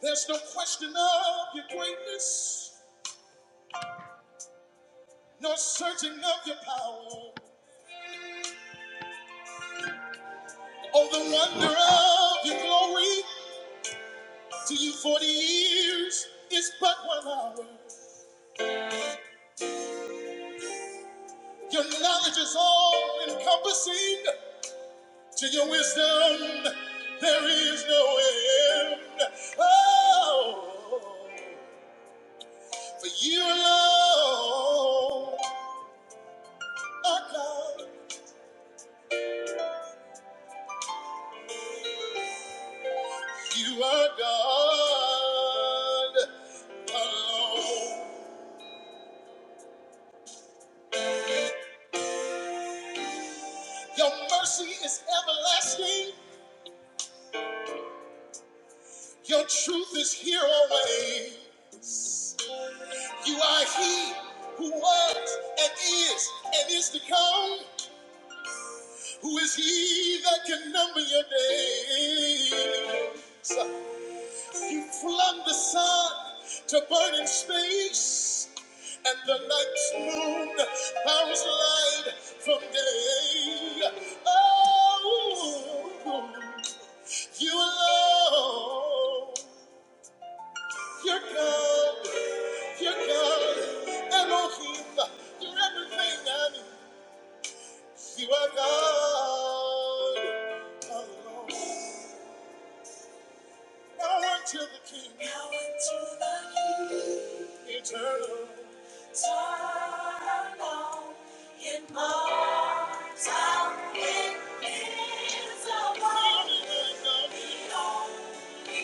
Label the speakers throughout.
Speaker 1: There's no question of your greatness, no searching of your power, or the wonder of your glory. To you, 40 years is but one hour. Your knowledge is all encompassing. To your wisdom, there is no end. Oh, for you alone are God. You are God alone. Your mercy is everlasting. Your truth is here always. You are He who was and is and is to come. Who is He that can number your days? He flung the sun to burn in space, and the night's moon bows light from day. Oh, you alone. You're good, you're God, Elohim, you're everything I need. You are God, oh Lord. Now unto the King, now unto the King. eternal. Turn on immortal, invisible, the only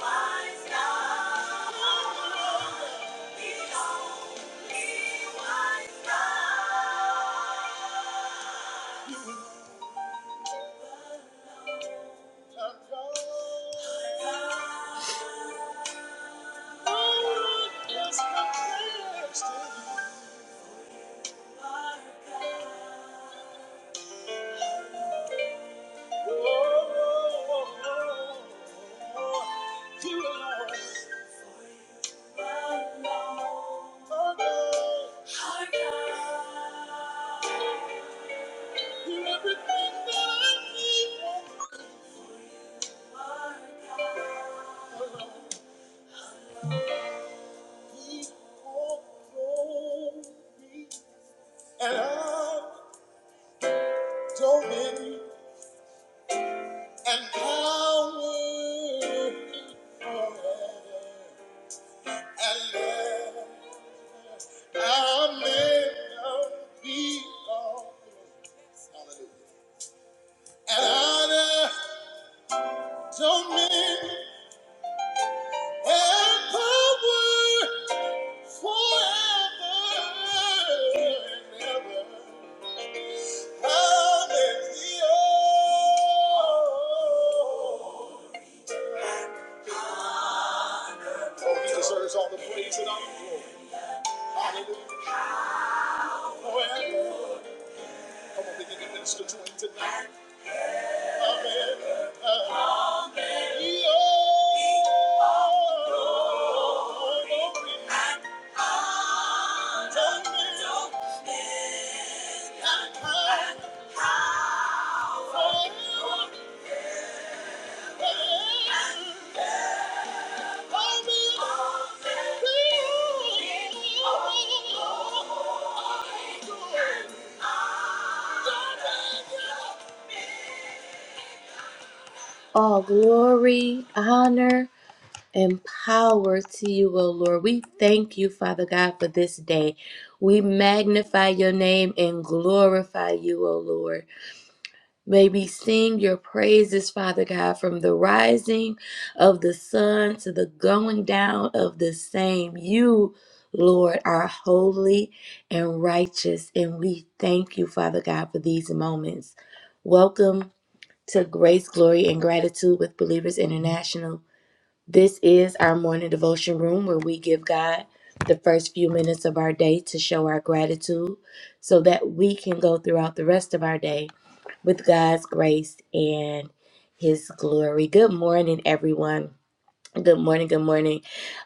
Speaker 1: wise God, the only wise God. Turn on. Lord, is my prayer to you. And I don't need and power and love. Amen. Be all. Hallelujah. And honor, dominion, and power forever and ever. Hallelujah. Oh, he deserves all the praise and all the glory. Hallelujah. Well, come on, begin to minister to him tonight. Amen. Amen. Yeah. Yeah. All glory, honor, and power to you, O Lord. We thank you, Father God, for this day. We magnify your name and glorify you, O Lord. May we sing your praises, Father God, from the rising of the sun to the going down of the same. You, Lord, are holy and righteous, and we thank you, Father God, for these moments. Welcome to Grace, Glory, and Gratitude with Believers International. This is our morning devotion room where we give God the first few minutes of our day to show our gratitude so that we can go throughout the rest of our day with God's grace and His glory. Good morning, everyone. Good morning. Good morning.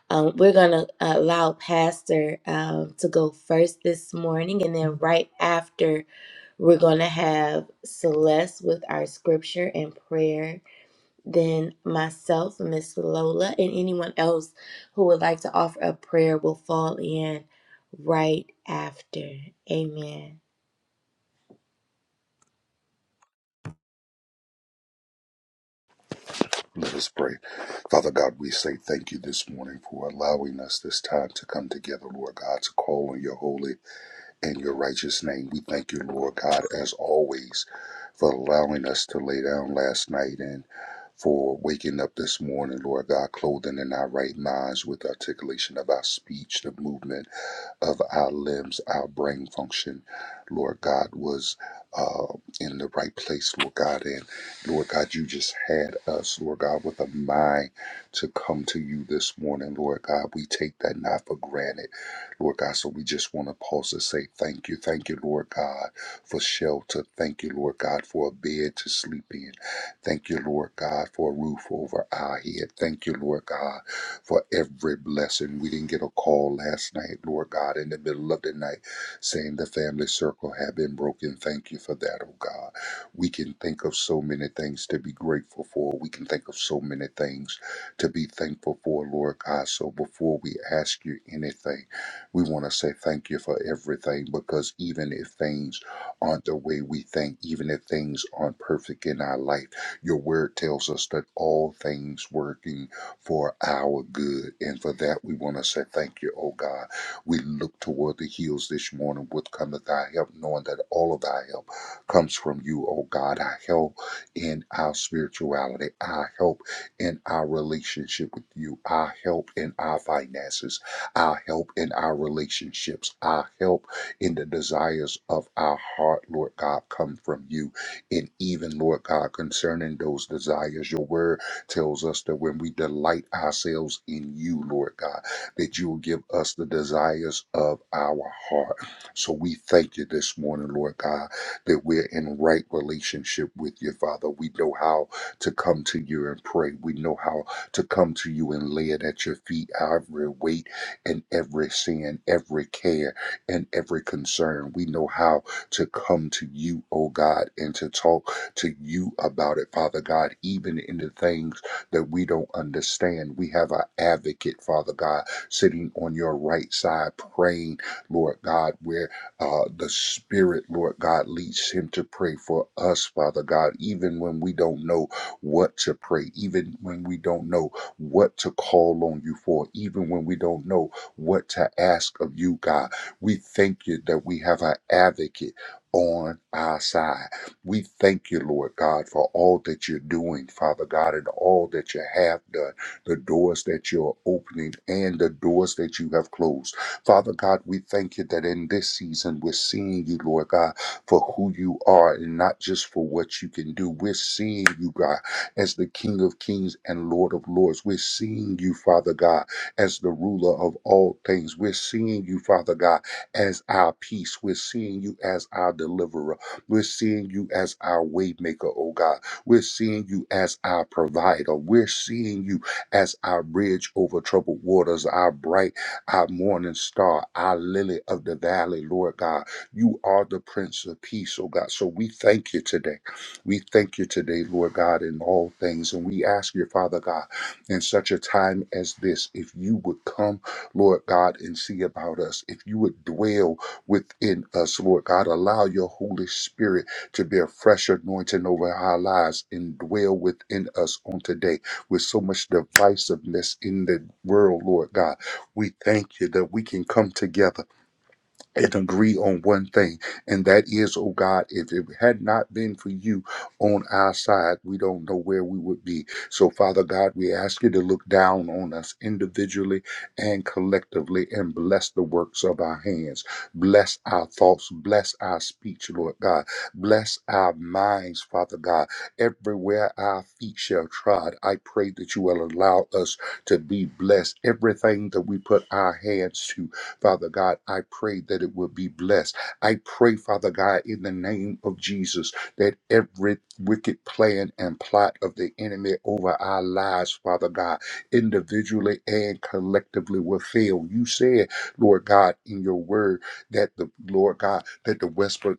Speaker 1: Um, we're going to allow Pastor um, to go first this morning, and then right after, we're going to have Celeste with our scripture and prayer. Then myself, Miss Lola, and anyone else who would like to offer a prayer will fall in right after. Amen.
Speaker 2: Let us pray. Father God, we say thank you this morning for allowing us this time to come together, Lord God, to call on your holy in your righteous name. We thank you, Lord God, as always, for allowing us to lay down last night and for waking up this morning, Lord God, clothing in our right minds with articulation of our speech, the movement of our limbs, our brain function, Lord God, was uh, in the right place, Lord God. And Lord God, you just had us, Lord God, with a mind to come to you this morning, Lord God. We take that not for granted. Lord God. So we just want to pause to say thank you. Thank you, Lord God, for shelter. Thank you, Lord God, for a bed to sleep in. Thank you, Lord God, for a roof over our head. Thank you, Lord God, for every blessing. We didn't get a call last night, Lord God, in the middle of the night saying the family circle had been broken. Thank you for that, oh God. We can think of so many things to be grateful for. We can think of so many things to be thankful for, Lord God. So before we ask you anything, we want to say thank you for everything because even if things aren't the way we think, even if things aren't perfect in our life, your word tells us that all things working for our good. And for that, we want to say thank you, oh God. We look toward the hills this morning with cometh our help, knowing that all of our help comes from you, oh God. Our help in our spirituality, our help in our relationship with you, our help in our finances our help in our relationships, our help in the desires of our heart, Lord God, come from you. And even, Lord God, concerning those desires, your word tells us that when we delight ourselves in you, Lord God, that you will give us the desires of our heart. So we thank you this morning, Lord God, that we're in right relationship with you, Father. We know how to come to you and pray. We know how to come to you and lay it at your feet, every weight and every sin, every care, and every concern. We know how to come to you, oh God, and to talk to you about it, Father God, even in the things that we don't understand. We have our advocate, Father God, sitting on your right side, praying, Lord God, where uh, the Spirit, Lord God, leads him to pray for us, Father God, even when we don't know what to pray, even when we don't know what to call on you for, even when we don't know what to ask of you, God. We thank you that we have an advocate on our side. We thank you, Lord God, for all that you're doing, Father God, and all that you have done, the doors that you're opening and the doors that you have closed. Father God, we thank you that in this season we're seeing you, Lord God, for who you are and not just for what you can do. We're seeing you, God, as the King of Kings and Lord of Lords. We're seeing you, Father God, as the ruler of all things. We're seeing you, Father God, as our peace. We're seeing you as our deliverer. We're seeing you as our waymaker, oh God. We're seeing you as our provider. We're seeing you as our bridge over troubled waters, our bright, our morning star, our lily of the valley, Lord God. You are the Prince of Peace, oh God. So we thank you today. We thank you today, Lord God, in all things. And we ask you, Father God in such a time as this. If you would come, Lord God, and see about us, if you would dwell within us, Lord God, allow your Holy Spirit to be a fresh anointing over our lives and dwell within us on today with so much divisiveness in the world, Lord God. We thank you that we can come together and agree on one thing, and that is, oh God, if it had not been for you on our side, we don't know where we would be. So, Father God, we ask you to look down on us individually and collectively and bless the works of our hands. Bless our thoughts. Bless our speech, Lord God. Bless our minds, Father God. Everywhere our feet shall trod, I pray that you will allow us to be blessed. Everything that we put our hands to, Father God, I pray that it will be blessed. I pray, Father God, in the name of Jesus, that every wicked plan and plot of the enemy over our lives, Father God, individually and collectively will fail. You said, Lord God, in your word that the Lord God, that the whisper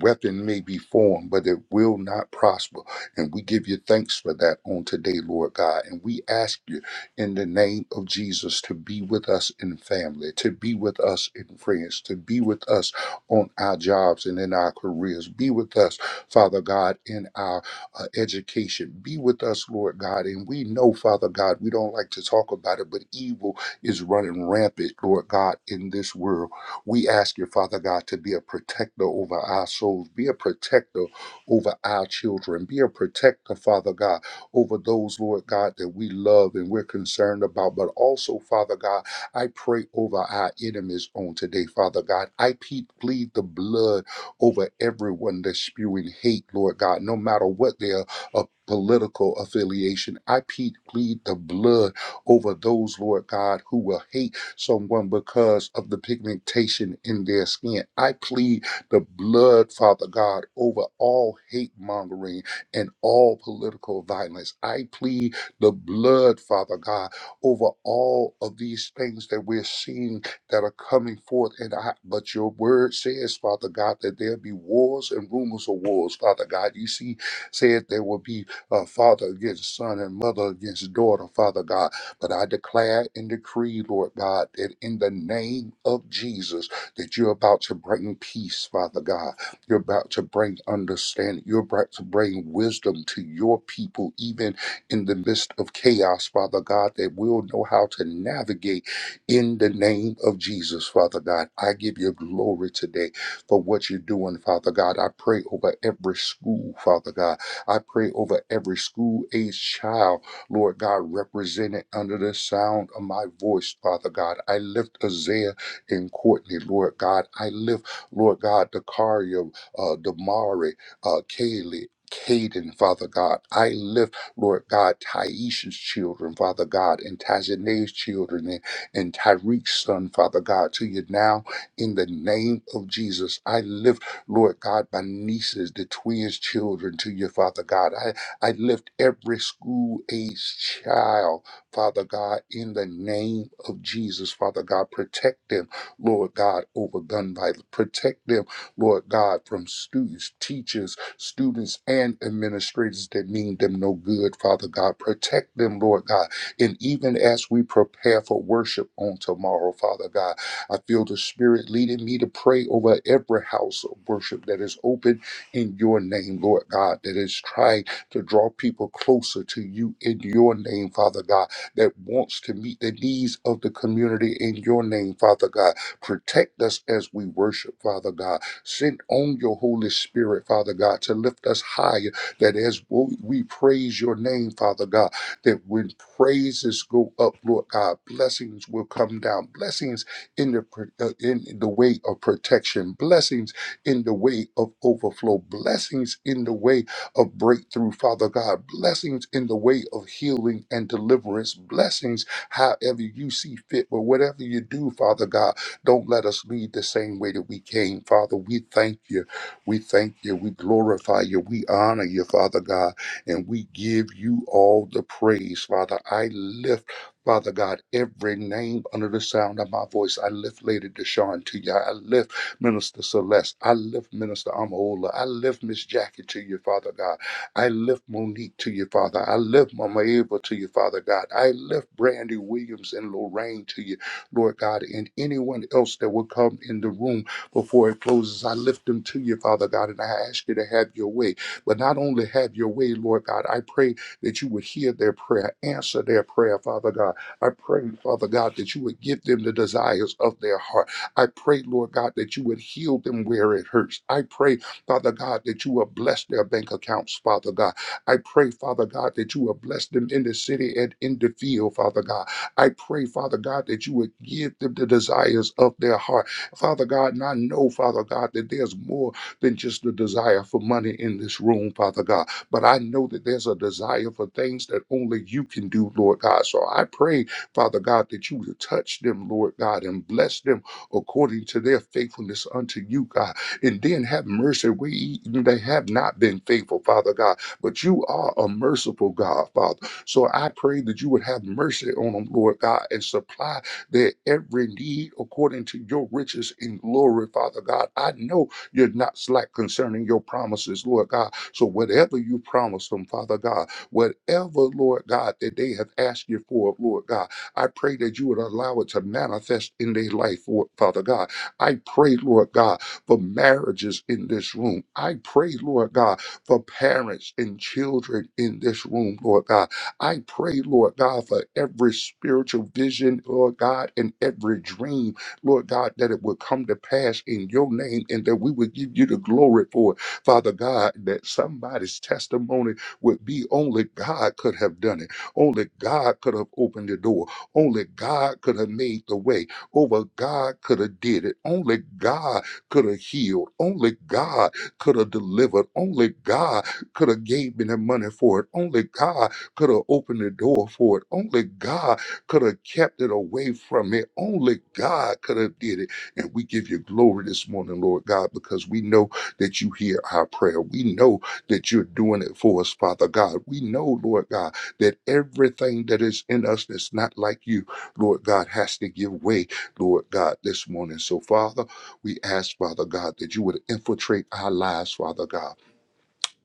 Speaker 2: weapon may be formed, but it will not prosper. And we give you thanks for that on today, Lord God. And we ask you in the name of Jesus to be with us in family, to be with us in friends, to be with us on our jobs and in our careers. Be with us, Father God, in our uh, education. Be with us, Lord God. And we know, Father God, we don't like to talk about it, but evil is running rampant, Lord God, in this world. We ask you, Father God, to be a protector over our souls, be a protector over our children, be a protector, Father God over those, Lord God, that we love and we're concerned about. But also, Father God, I pray over our enemies on today, Father God. I pe- plead the blood over everyone that's spewing hate, Lord God, no matter what their uh, political affiliation. I pe- plead the blood over those, Lord God, who will hate someone because of the pigmentation in their skin. I plead the blood, Father God, over all hate mongering and all political violence. I plead the blood, Father God, over all of these things that we're seeing that are coming forth. And I, but your word says, Father God, that there'll be wars and rumors of wars, Father God. You see, said there will be uh, father against son and mother against daughter, Father God. But I declare and decree, Lord God, that in the name of Jesus, that you're about to bring peace, Father God you're about to bring understanding. You're about to bring wisdom to your people, even in the midst of chaos, Father God, that we'll know how to navigate in the name of Jesus, Father God. I give you glory today for what you're doing, Father God. I pray over every school, Father God. I pray over every school age child, Lord God, represented under the sound of my voice, Father God. I lift Isaiah and Courtney, Lord God. I lift, Lord God, Dakaria, uh, Damari, uh, Kaylee, Caden, Father God. I lift, Lord God, Taisha's children, Father God, and Tajane's children, and, and Tyreek's son, Father God, to you now in the name of Jesus. I lift, Lord God, my nieces, the twins' children to you, Father God. I, I lift every school age child, Father God, in the name of Jesus, Father God. Protect them, Lord God, over gun violence. Protect them Lord God, from students, teachers, students, and administrators that mean them no good, Father God. Protect them, Lord God. And even as we prepare for worship on tomorrow, Father God, I feel the Spirit leading me to pray over every house of worship that is open in your name, Lord God, that is trying to draw people closer to you in your name, Father God, that wants to meet the needs of the community in your name, Father God. Protect us as we worship, Father God Send on your Holy Spirit, Father God, to lift us higher, that as we praise your name, Father God, that when praises go up, Lord God, blessings will come down, blessings in the, pr- uh, in the way of protection, blessings in the way of overflow, blessings in the way of breakthrough, Father God, blessings in the way of healing and deliverance, blessings however you see fit, but whatever you do, Father God. Don't let us leave the same way that we came, Father. We thank you. We thank you. We glorify you. We honor you, Father God. And we give you all the praise, Father. I lift. Father God, every name under the sound of my voice, I lift Lady Deshawn to you. I lift Minister Celeste. I lift Minister Amaola. I lift Miss Jackie to you, Father God. I lift Monique to you, Father. I lift Mama Eva to you, Father God. I lift Brandy Williams and Lorraine to you. Lord God, and anyone else that will come in the room before it closes. I lift them to you, Father God, and I ask you to have your way. But not only have your way, Lord God, I pray that you would hear their prayer, answer their prayer, Father God. I pray, Father God, that you would give them the desires of their heart. I pray, Lord God, that you would heal them where it hurts. I pray, Father God, that you will bless their bank accounts, Father God. I pray, Father God, that you will bless them in the city and in the field, Father God. I pray, Father God, that you would give them the desires of their heart. Father God, and I know, Father God, that there's more than just the desire for money in this room, Father God. But I know that there's a desire for things that only you can do, Lord God. So I pray, Father God, that you would touch them, Lord God, and bless them according to their faithfulness unto you, God. And then have mercy where even they have not been faithful, Father God. But you are a merciful God, Father. So I pray that you would have mercy on them, Lord God, and supply their every need according to your riches in glory, Father God. I know you're not slack concerning your promises, Lord God. So whatever you promised them, Father God, whatever, Lord God, that they have asked you for, Lord God, I pray that you would allow it to manifest in their life, Lord, Father God. I pray, Lord God, for marriages in this room. I pray, Lord God, for parents and children in this room, Lord God. I pray, Lord God, for every spiritual vision, Lord God, and every dream, Lord God, that it would come to pass in your name and that we would give you the glory for it. Father God, that somebody's testimony would be only God could have done it. Only God could have opened the door. Only God could have made the way. Over God could have did it. Only God could have healed. Only God could have delivered. Only God could have gave me the money for it. Only God could have opened the door for it. Only God could have kept it away from it. Only God could have did it. And we give you glory this morning, Lord God, because we know that you hear our prayer. We know that you're doing it for us, Father God. We know, Lord God, that everything that is in us that's not like you, Lord God, has to give way, Lord God, this morning. So, Father, we ask, Father God, that you would infiltrate our lives, Father God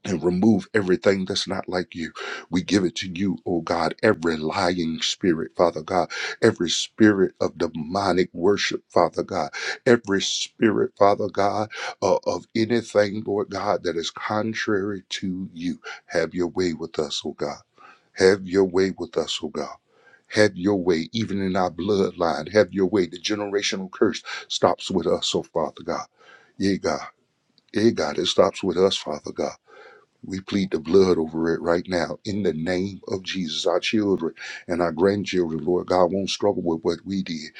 Speaker 2: and remove everything that's not like you. We give it to you, oh God, every lying spirit, Father God, every spirit of demonic worship, Father God, every spirit, Father God, uh, of anything, Lord God, that is contrary to you. Have your way with us, oh God. Have your way with us, oh God. Have your way, even in our bloodline. Have your way. The generational curse stops with us, oh Father God. Yeah, God. Yeah, God. It stops with us, Father God. We plead the blood over it right now in the name of Jesus. Our children and our grandchildren, Lord God, won't struggle with what we did.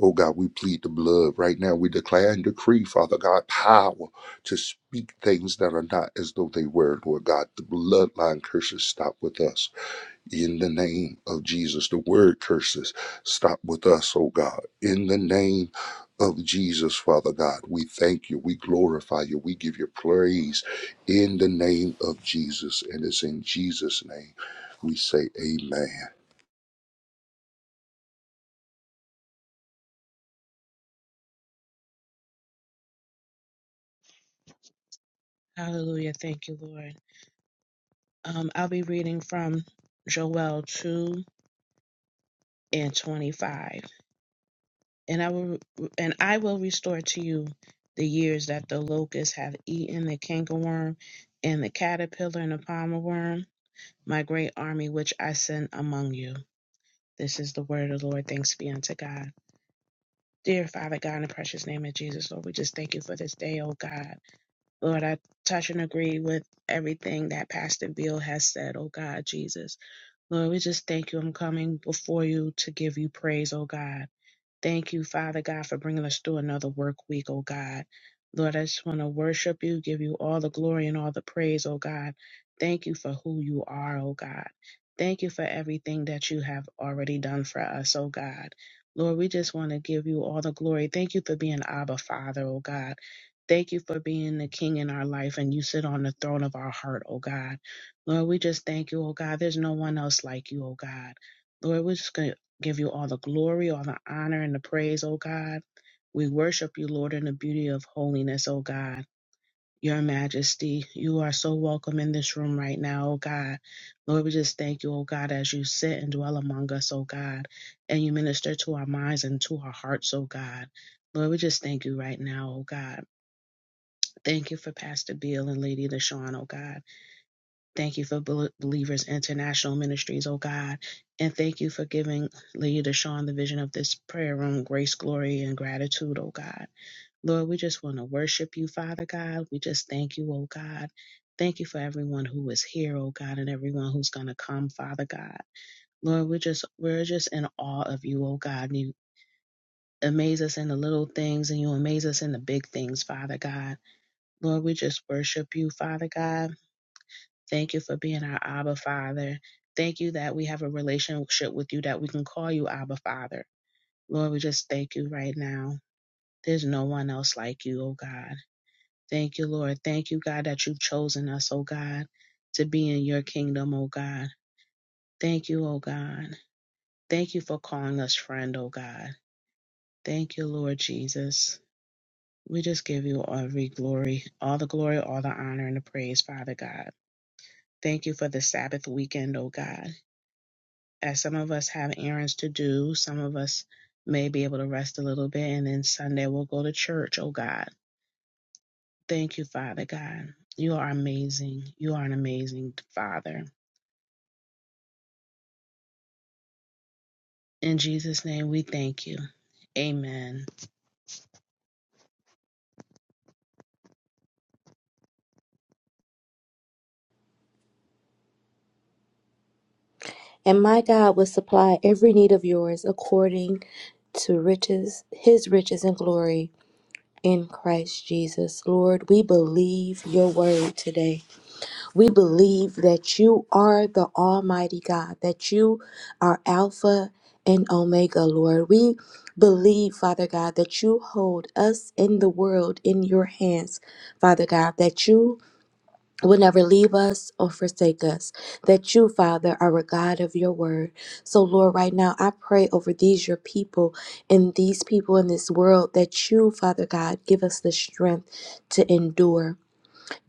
Speaker 2: Oh God, we plead the blood right now. We declare and decree, Father God, power to speak things that are not as though they were, Lord God. The bloodline curses stop with us in the name of Jesus. The word curses stop with us, oh God. In the name of Jesus, Father God, we thank you, we glorify you, we give you praise in the name of Jesus. And it's in Jesus' name we say, Amen
Speaker 3: Hallelujah. Thank you, Lord. Um, I'll be reading from Joel 2 and 25. And I will and I will restore to you the years that the locusts have eaten the cankerworm and the caterpillar and the palmer worm, my great army which I send among you. This is the word of the Lord. Thanks be unto God. Dear Father God, in the precious name of Jesus, Lord, we just thank you for this day, oh God. Lord, I touch and agree with everything that Pastor Bill has said, oh God, Jesus. Lord, we just thank you. I'm coming before you to give you praise, oh God. Thank you, Father God, for bringing us through another work week, oh God. Lord, I just want to worship you, give you all the glory and all the praise, oh God. Thank you for who you are, oh God. Thank you for everything that you have already done for us, oh God. Lord, we just want to give you all the glory. Thank you for being Abba Father, oh God. Thank you for being the King in our life and you sit on the throne of our heart, oh God. Lord, we just thank you, oh God. There's no one else like you, oh God. Lord, we're just give you all the glory, all the honor, and the praise, O God. We worship you, Lord, in the beauty of holiness, O God. Your majesty, you are so welcome in this room right now, O God. Lord, we just thank you, O God, as you sit and dwell among us, O God, and you minister to our minds and to our hearts, O God. Lord, we just thank you right now, O God. Thank you for Pastor Beal and Lady Deshaun, O God. Thank you for Bel- Believers International Ministries, oh God. And thank you for giving Leader Deshaun the vision of this prayer room, grace, glory, and gratitude, oh God. Lord, we just want to worship you, Father God. We just thank you, oh God. Thank you for everyone who is here, oh God, and everyone who's going to come, Father God. Lord, we're just, we're just in awe of you, oh God. You amaze us in the little things and you amaze us in the big things, Father God. Lord, we just worship you, Father God. Thank you for being our Abba Father. Thank you that we have a relationship with you that we can call you Abba Father. Lord, we just thank you right now. There's no one else like you, oh God. Thank you, Lord. Thank you, God, that you've chosen us, oh God, to be in your kingdom, oh God. Thank you, oh God. Thank you for calling us friend, oh God. Thank you, Lord Jesus. We just give you every glory, all the glory, all the honor, and the praise, Father God. Thank you for the Sabbath weekend, oh God. as some of us have errands to do, some of us may be able to rest a little bit, and then Sunday we'll go to church, oh God. Thank you, Father God. You are amazing. You are an amazing Father. In Jesus' name, we thank you. Amen.
Speaker 1: And my God will supply every need of yours according to riches, his riches and glory in Christ Jesus. Lord, we believe your word today. We believe that you are the Almighty God, that you are Alpha and Omega, Lord. We believe, Father God, that you hold us in the world in your hands, Father God, that you will never leave us or forsake us. That you, Father, are a God of your word. So, Lord, right now, I pray over these, your people, and these people in this world, that you, Father God, give us the strength to endure.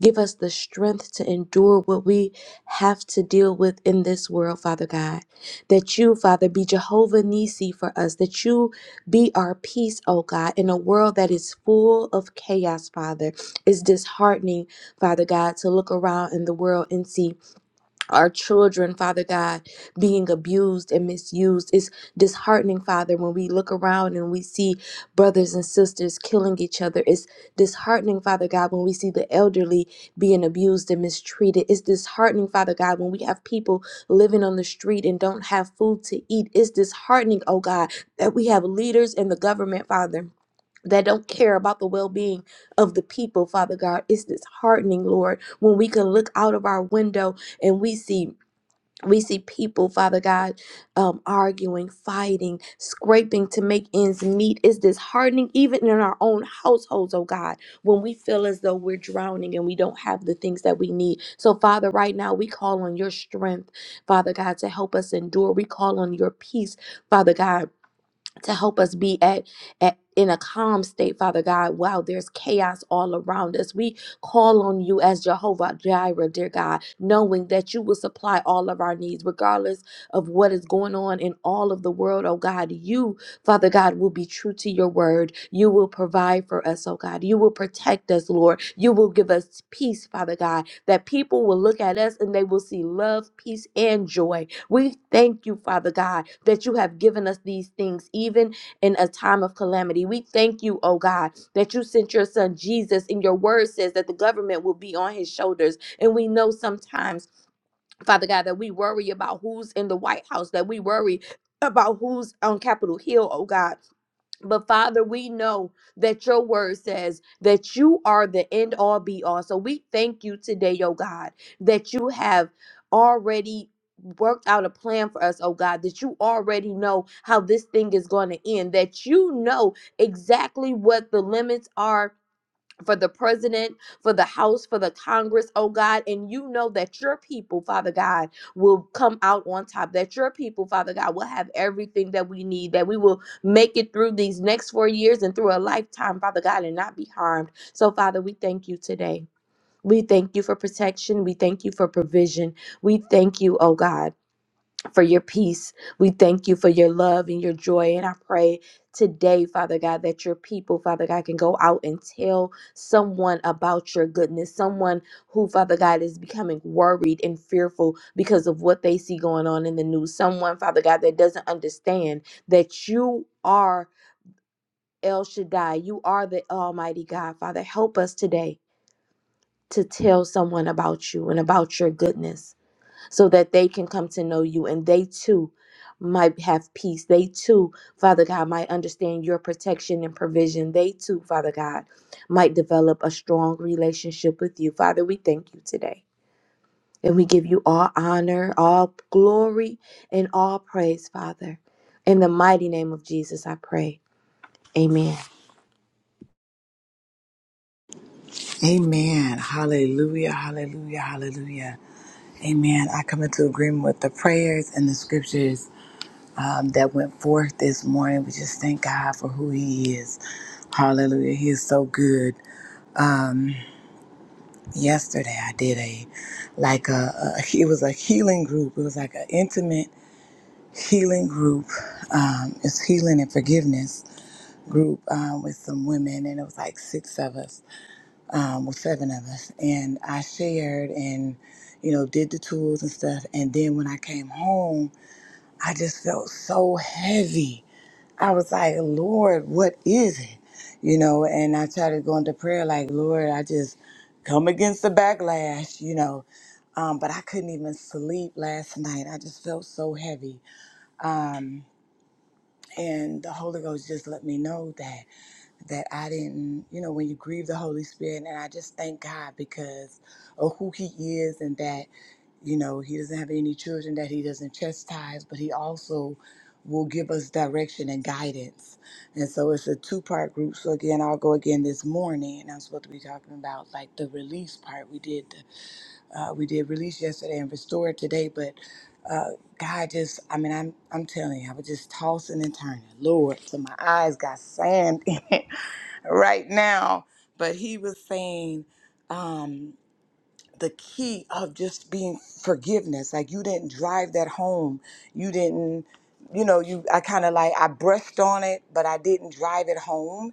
Speaker 1: Give us the strength to endure what we have to deal with in this world, Father God. That you, Father, be Jehovah Nissi for us. That you be our peace, oh God, in a world that is full of chaos, Father. It's disheartening, Father God, to look around in the world and see our children, Father God, being abused and misused. It's disheartening, Father, when we look around and we see brothers and sisters killing each other. It's disheartening, Father God, when we see the elderly being abused and mistreated. It's disheartening, Father God, when we have people living on the street and don't have food to eat. It's disheartening, oh God, that we have leaders in the government, Father that don't care about the well-being of the people father god it's disheartening lord when we can look out of our window and we see we see people father god um, arguing fighting scraping to make ends meet it's disheartening even in our own households oh god when we feel as though we're drowning and we don't have the things that we need so father right now we call on your strength father god to help us endure we call on your peace father god to help us be at, at in a calm state, Father God. Wow, there's chaos all around us. We call on you as Jehovah Jireh, dear God, knowing that you will supply all of our needs, regardless of what is going on in all of the world. Oh God, you, Father God, will be true to your word. You will provide for us, oh God. You will protect us, Lord. You will give us peace, Father God, that people will look at us and they will see love, peace, and joy we thank you, Father God, that you have given us these things even in a time of calamity. We thank you, oh God, that you sent your son Jesus, and your word says that the government will be on his shoulders. And we know sometimes, Father God, that we worry about who's in the White House, that we worry about who's on Capitol Hill, oh God. But Father, we know that your word says that you are the end all be all. So we thank you today, oh God, that you have already worked out a plan for us, oh God, that you already know how this thing is going to end, that you know exactly what the limits are for the president, for the House, for the Congress, oh God. And you know that your people, Father God, will come out on top, that your people, Father God, will have everything that we need, that we will make it through these next four years and through a lifetime, Father God, and not be harmed. So, Father, we thank you today. We thank you for protection. We thank you for provision. We thank you, oh God for your peace. We thank you for your love and your joy. And I pray today, Father God, that your people, Father God, can go out and tell someone about your goodness, someone who, Father God, is becoming worried and fearful because of what they see going on in the news, someone, Father God, that doesn't understand that you are El Shaddai, you are the Almighty God. Father, help us today to tell someone about you and about your goodness so that they can come to know you and they too might have peace. They too, Father God, might understand your protection and provision. They too, Father God, might develop a strong relationship with you. Father, we thank you today. And we give you all honor, all glory, and all praise, Father. In the mighty name of Jesus, I pray. Amen.
Speaker 4: Amen. Hallelujah. Hallelujah. Hallelujah. Amen. I come into agreement with the prayers and the scriptures um, that went forth this morning. We just thank God for who He is. Hallelujah. He is so good. Um, yesterday, I did a like a, a it was a healing group. It was like an intimate healing group. Um, it's healing and forgiveness group um, with some women, and it was like six of us. um, with seven of us, and I shared and you know did the tools and stuff. And then when I came home, I just felt so heavy. I was like, Lord, what is it? You know, and I started going to prayer like, Lord, I just come against the backlash, you know. Um, but I couldn't even sleep last night. I just felt so heavy. Um, and the Holy Ghost just let me know that that I didn't, you know, when you grieve the Holy Spirit. And I just thank God because of who He is and that, you know, He doesn't have any children that He doesn't chastise, but He also will give us direction and guidance. And so it's a two part group. So again, I'll go again this morning and I'm supposed to be talking about like the release part. We did, uh, we did release yesterday and restore today, but uh, God just, I mean, I'm, I'm telling you, I was just tossing and turning. Lord, so my eyes got sand right now. But he was saying um, the key of just being forgiveness. Like you didn't drive that home. You didn't, you know, you. I kind of like I brushed on it, but I didn't drive it home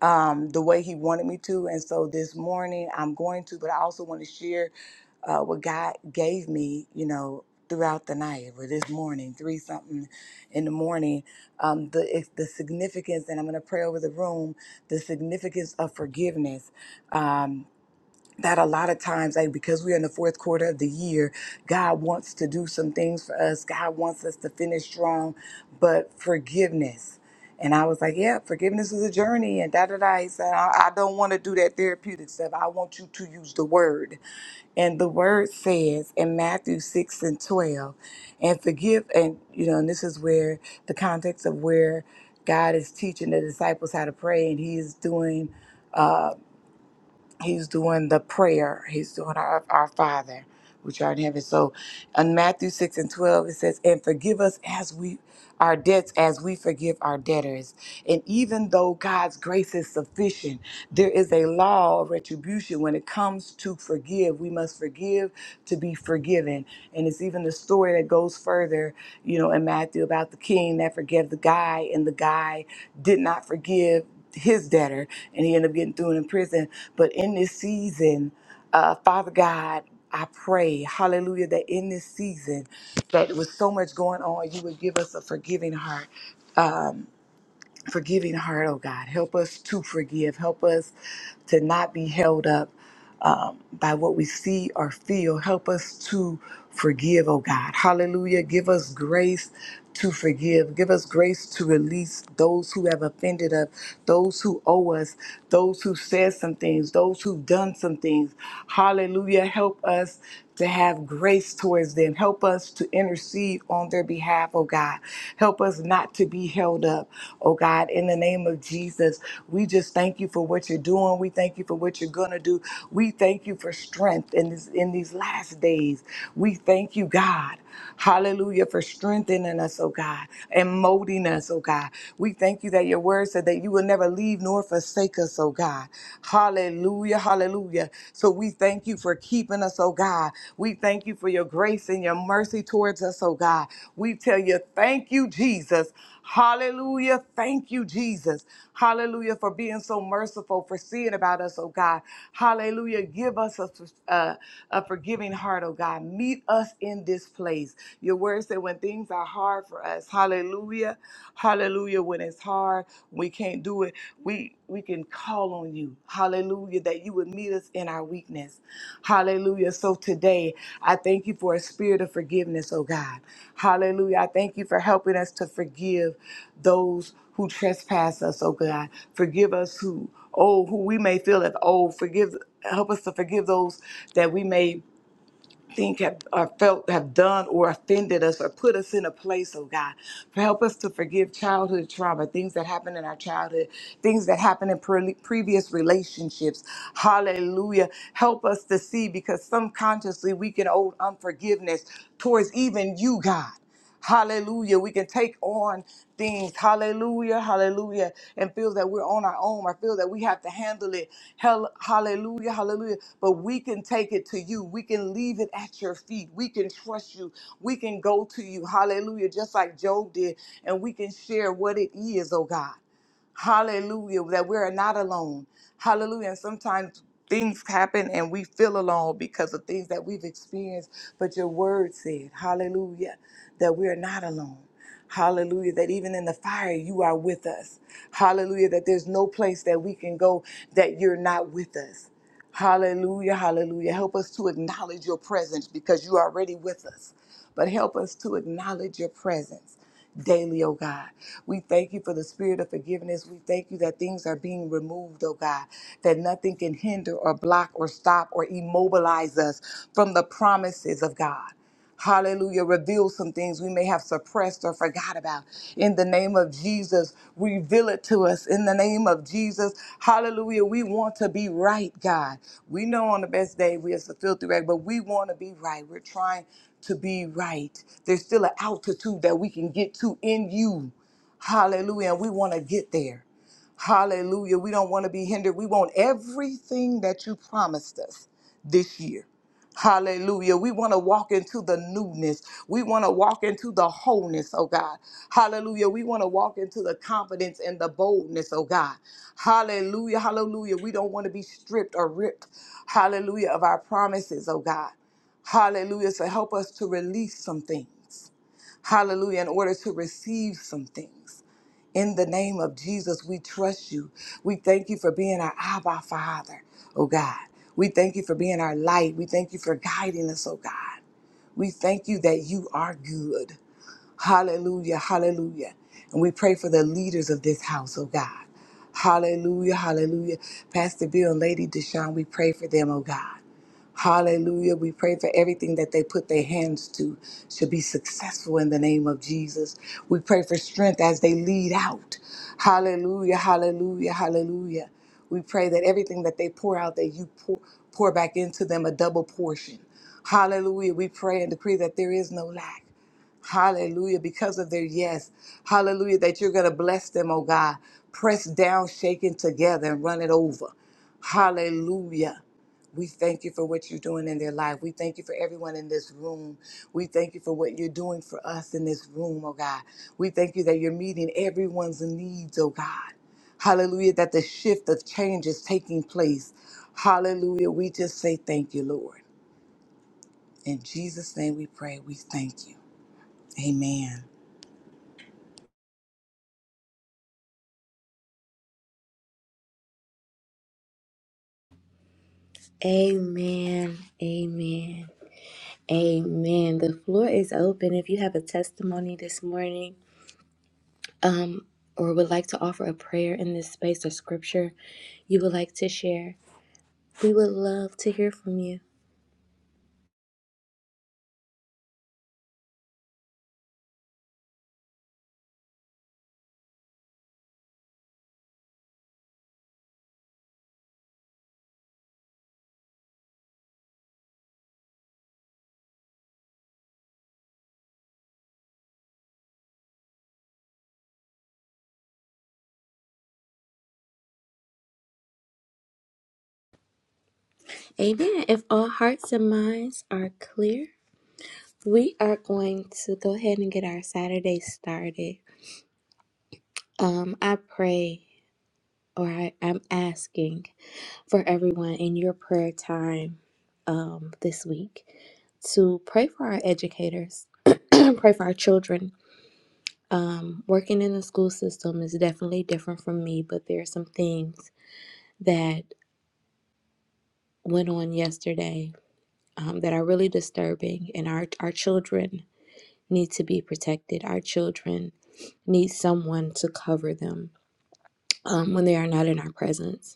Speaker 4: um, the way he wanted me to. And so this morning I'm going to, but I also want to share uh, what God gave me, you know, throughout the night or this morning, three something in the morning, um, the it's the significance, and I'm going to pray over the room, the significance of forgiveness. Um, that a lot of times, like because we're in the fourth quarter of the year, God wants to do some things for us. God wants us to finish strong, but forgiveness. And I was like, yeah, forgiveness is a journey, and da da da. He said, I, I don't want to do that therapeutic stuff. I want you to use the word. And the word says in Matthew 6 and 12, and forgive, and you know, and this is where the context of where God is teaching the disciples how to pray, and He is doing. uh, he's doing the prayer. He's doing our, our Father, which art in heaven. So in Matthew 6 and 12, it says, And forgive us as we our debts as we forgive our debtors. And even though God's grace is sufficient, there is a law of retribution when it comes to forgive. We must forgive to be forgiven. And it's even the story that goes further, you know, in Matthew about the king that forgave the guy, and the guy did not forgive his debtor and he ended up getting thrown in prison. But in this season, uh, Father God, I pray, hallelujah, that in this season, that with so much going on, you would give us a forgiving heart forgiving heart, oh God. Help us to forgive. Help us to not be held up um, by what we see or feel. Help us to forgive, oh God. Hallelujah. Give us grace to forgive. Give us grace to release those who have offended us, those who owe us, those who said some things, those who've done some things. Hallelujah. Help us to have grace towards them and help us to intercede on their behalf, oh God. Help us not to be held up, oh God. In the name of Jesus, we just thank you for what you're doing. We thank you for what you're going to do. We thank you for strength in, this, in these last days. We thank you, God. Hallelujah for strengthening us, oh God, and molding us, oh God. We thank you that your word said that you will never leave nor forsake us, oh God. Hallelujah, hallelujah. So we thank you for keeping us, oh God. We thank you for your grace and your mercy towards us, oh God. We tell you, thank you, Jesus. Hallelujah. Thank you, Jesus. Hallelujah for being so merciful, for seeing about us, oh God. Hallelujah. Give us a, a, a forgiving heart, oh God. Meet us in this place. Your word said when things are hard for us, hallelujah. Hallelujah. When it's hard, we can't do it. We we can call on you. Hallelujah. That you would meet us in our weakness. Hallelujah. So today, I thank you for a spirit of forgiveness, oh God. Hallelujah. I thank you for helping us to forgive those who trespass us, oh God. Forgive us who, oh, who we may feel have, oh, forgive, help us to forgive those that we may think have or felt have done or offended us or put us in a place, oh God. Help us to forgive childhood trauma, things that happened in our childhood, things that happened in pre- previous relationships. Hallelujah. Help us to see because subconsciously we can hold unforgiveness towards even you, God. Hallelujah. We can take on things. Hallelujah. Hallelujah. And feel that we're on our own. I feel that we have to handle it. Hell, hallelujah. Hallelujah. But we can take it to you. We can leave it at your feet. We can trust you. We can go to you. Hallelujah. Just like Job did. And we can share what it is, oh God. Hallelujah. That we are not alone. Hallelujah. And sometimes things happen and we feel alone because of things that we've experienced. But your word said, Hallelujah, that we are not alone. Hallelujah. That even in the fire, you are with us. Hallelujah. That there's no place that we can go that you're not with us. Hallelujah. Hallelujah. Help us to acknowledge your presence because you are already with us but help us to acknowledge your presence daily, oh God. We thank you for the spirit of forgiveness. We thank you that things are being removed, oh God, that nothing can hinder or block or stop or immobilize us from the promises of God. Hallelujah. Reveal some things we may have suppressed or forgot about. In the name of Jesus, reveal it to us. In the name of Jesus, hallelujah. We want to be right, God. We know on the best day we are so filthy rag, but we want to be right. We're trying to be right. There's still an altitude that we can get to in you. Hallelujah. And we want to get there. Hallelujah. We don't want to be hindered. We want everything that you promised us this year. Hallelujah. We want to walk into the newness. We want to walk into the wholeness, oh God. Hallelujah. We want to walk into the confidence and the boldness, oh God. Hallelujah. Hallelujah. We don't want to be stripped or ripped, hallelujah, of our promises, oh God. Hallelujah. To help us to release some things. Hallelujah. In order to receive some things. In the name of Jesus, we trust you. We thank you for being our Abba Father, oh God. We thank you for being our light. We thank you for guiding us, oh God. We thank you that you are good. Hallelujah, hallelujah. And we pray for the leaders of this house, oh God. Hallelujah, hallelujah. Pastor Bill and Lady Deshaun, we pray for them, oh God. Hallelujah. We pray for everything that they put their hands to should be successful in the name of Jesus. We pray for strength as they lead out. Hallelujah, hallelujah, hallelujah. We pray that everything that they pour out, that you pour, pour back into them a double portion. Hallelujah. We pray and decree that there is no lack. Hallelujah. Because of their yes. Hallelujah. That you're going to bless them, oh God. Press down, shaken together, and run it over. Hallelujah. We thank you for what you're doing in their life. We thank you for everyone in this room. We thank you for what you're doing for us in this room, oh God. We thank you that you're meeting everyone's needs, oh God. Hallelujah. That the shift of change is taking place. Hallelujah. We just say thank you, Lord. In Jesus' name we pray. We thank you. Amen.
Speaker 1: Amen. Amen. Amen. The floor is open. If you have a testimony this morning, um, or would like to offer a prayer in this space or scripture you would like to share, we would love to hear from you. Amen. If all hearts and minds are clear, we are going to go ahead and get our Saturday started. Um, I pray, or I, I'm asking for everyone in your prayer time um, this week to pray for our educators, pray for our children, Um, working in the school system is definitely different from me, but there are some things that went on yesterday um, that are really disturbing, and our, our children need to be protected. Our children need someone to cover them um, when they are not in our presence.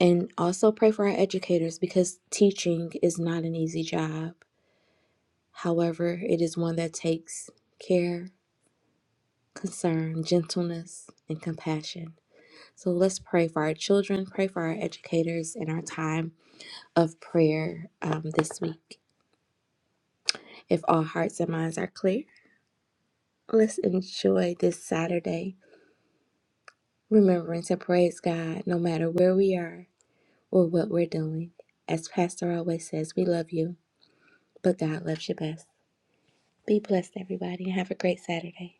Speaker 1: And also pray for our educators because teaching is not an easy job. However, it is one that takes care, concern, gentleness, and compassion. So let's pray for our children, pray for our educators in our time of prayer um, this week. If all hearts and minds are clear, let's enjoy this Saturday, remembering to praise God no matter where we are or what we're doing. As Pastor always says, we love you, but God loves you best. Be blessed, everybody, and have a great Saturday.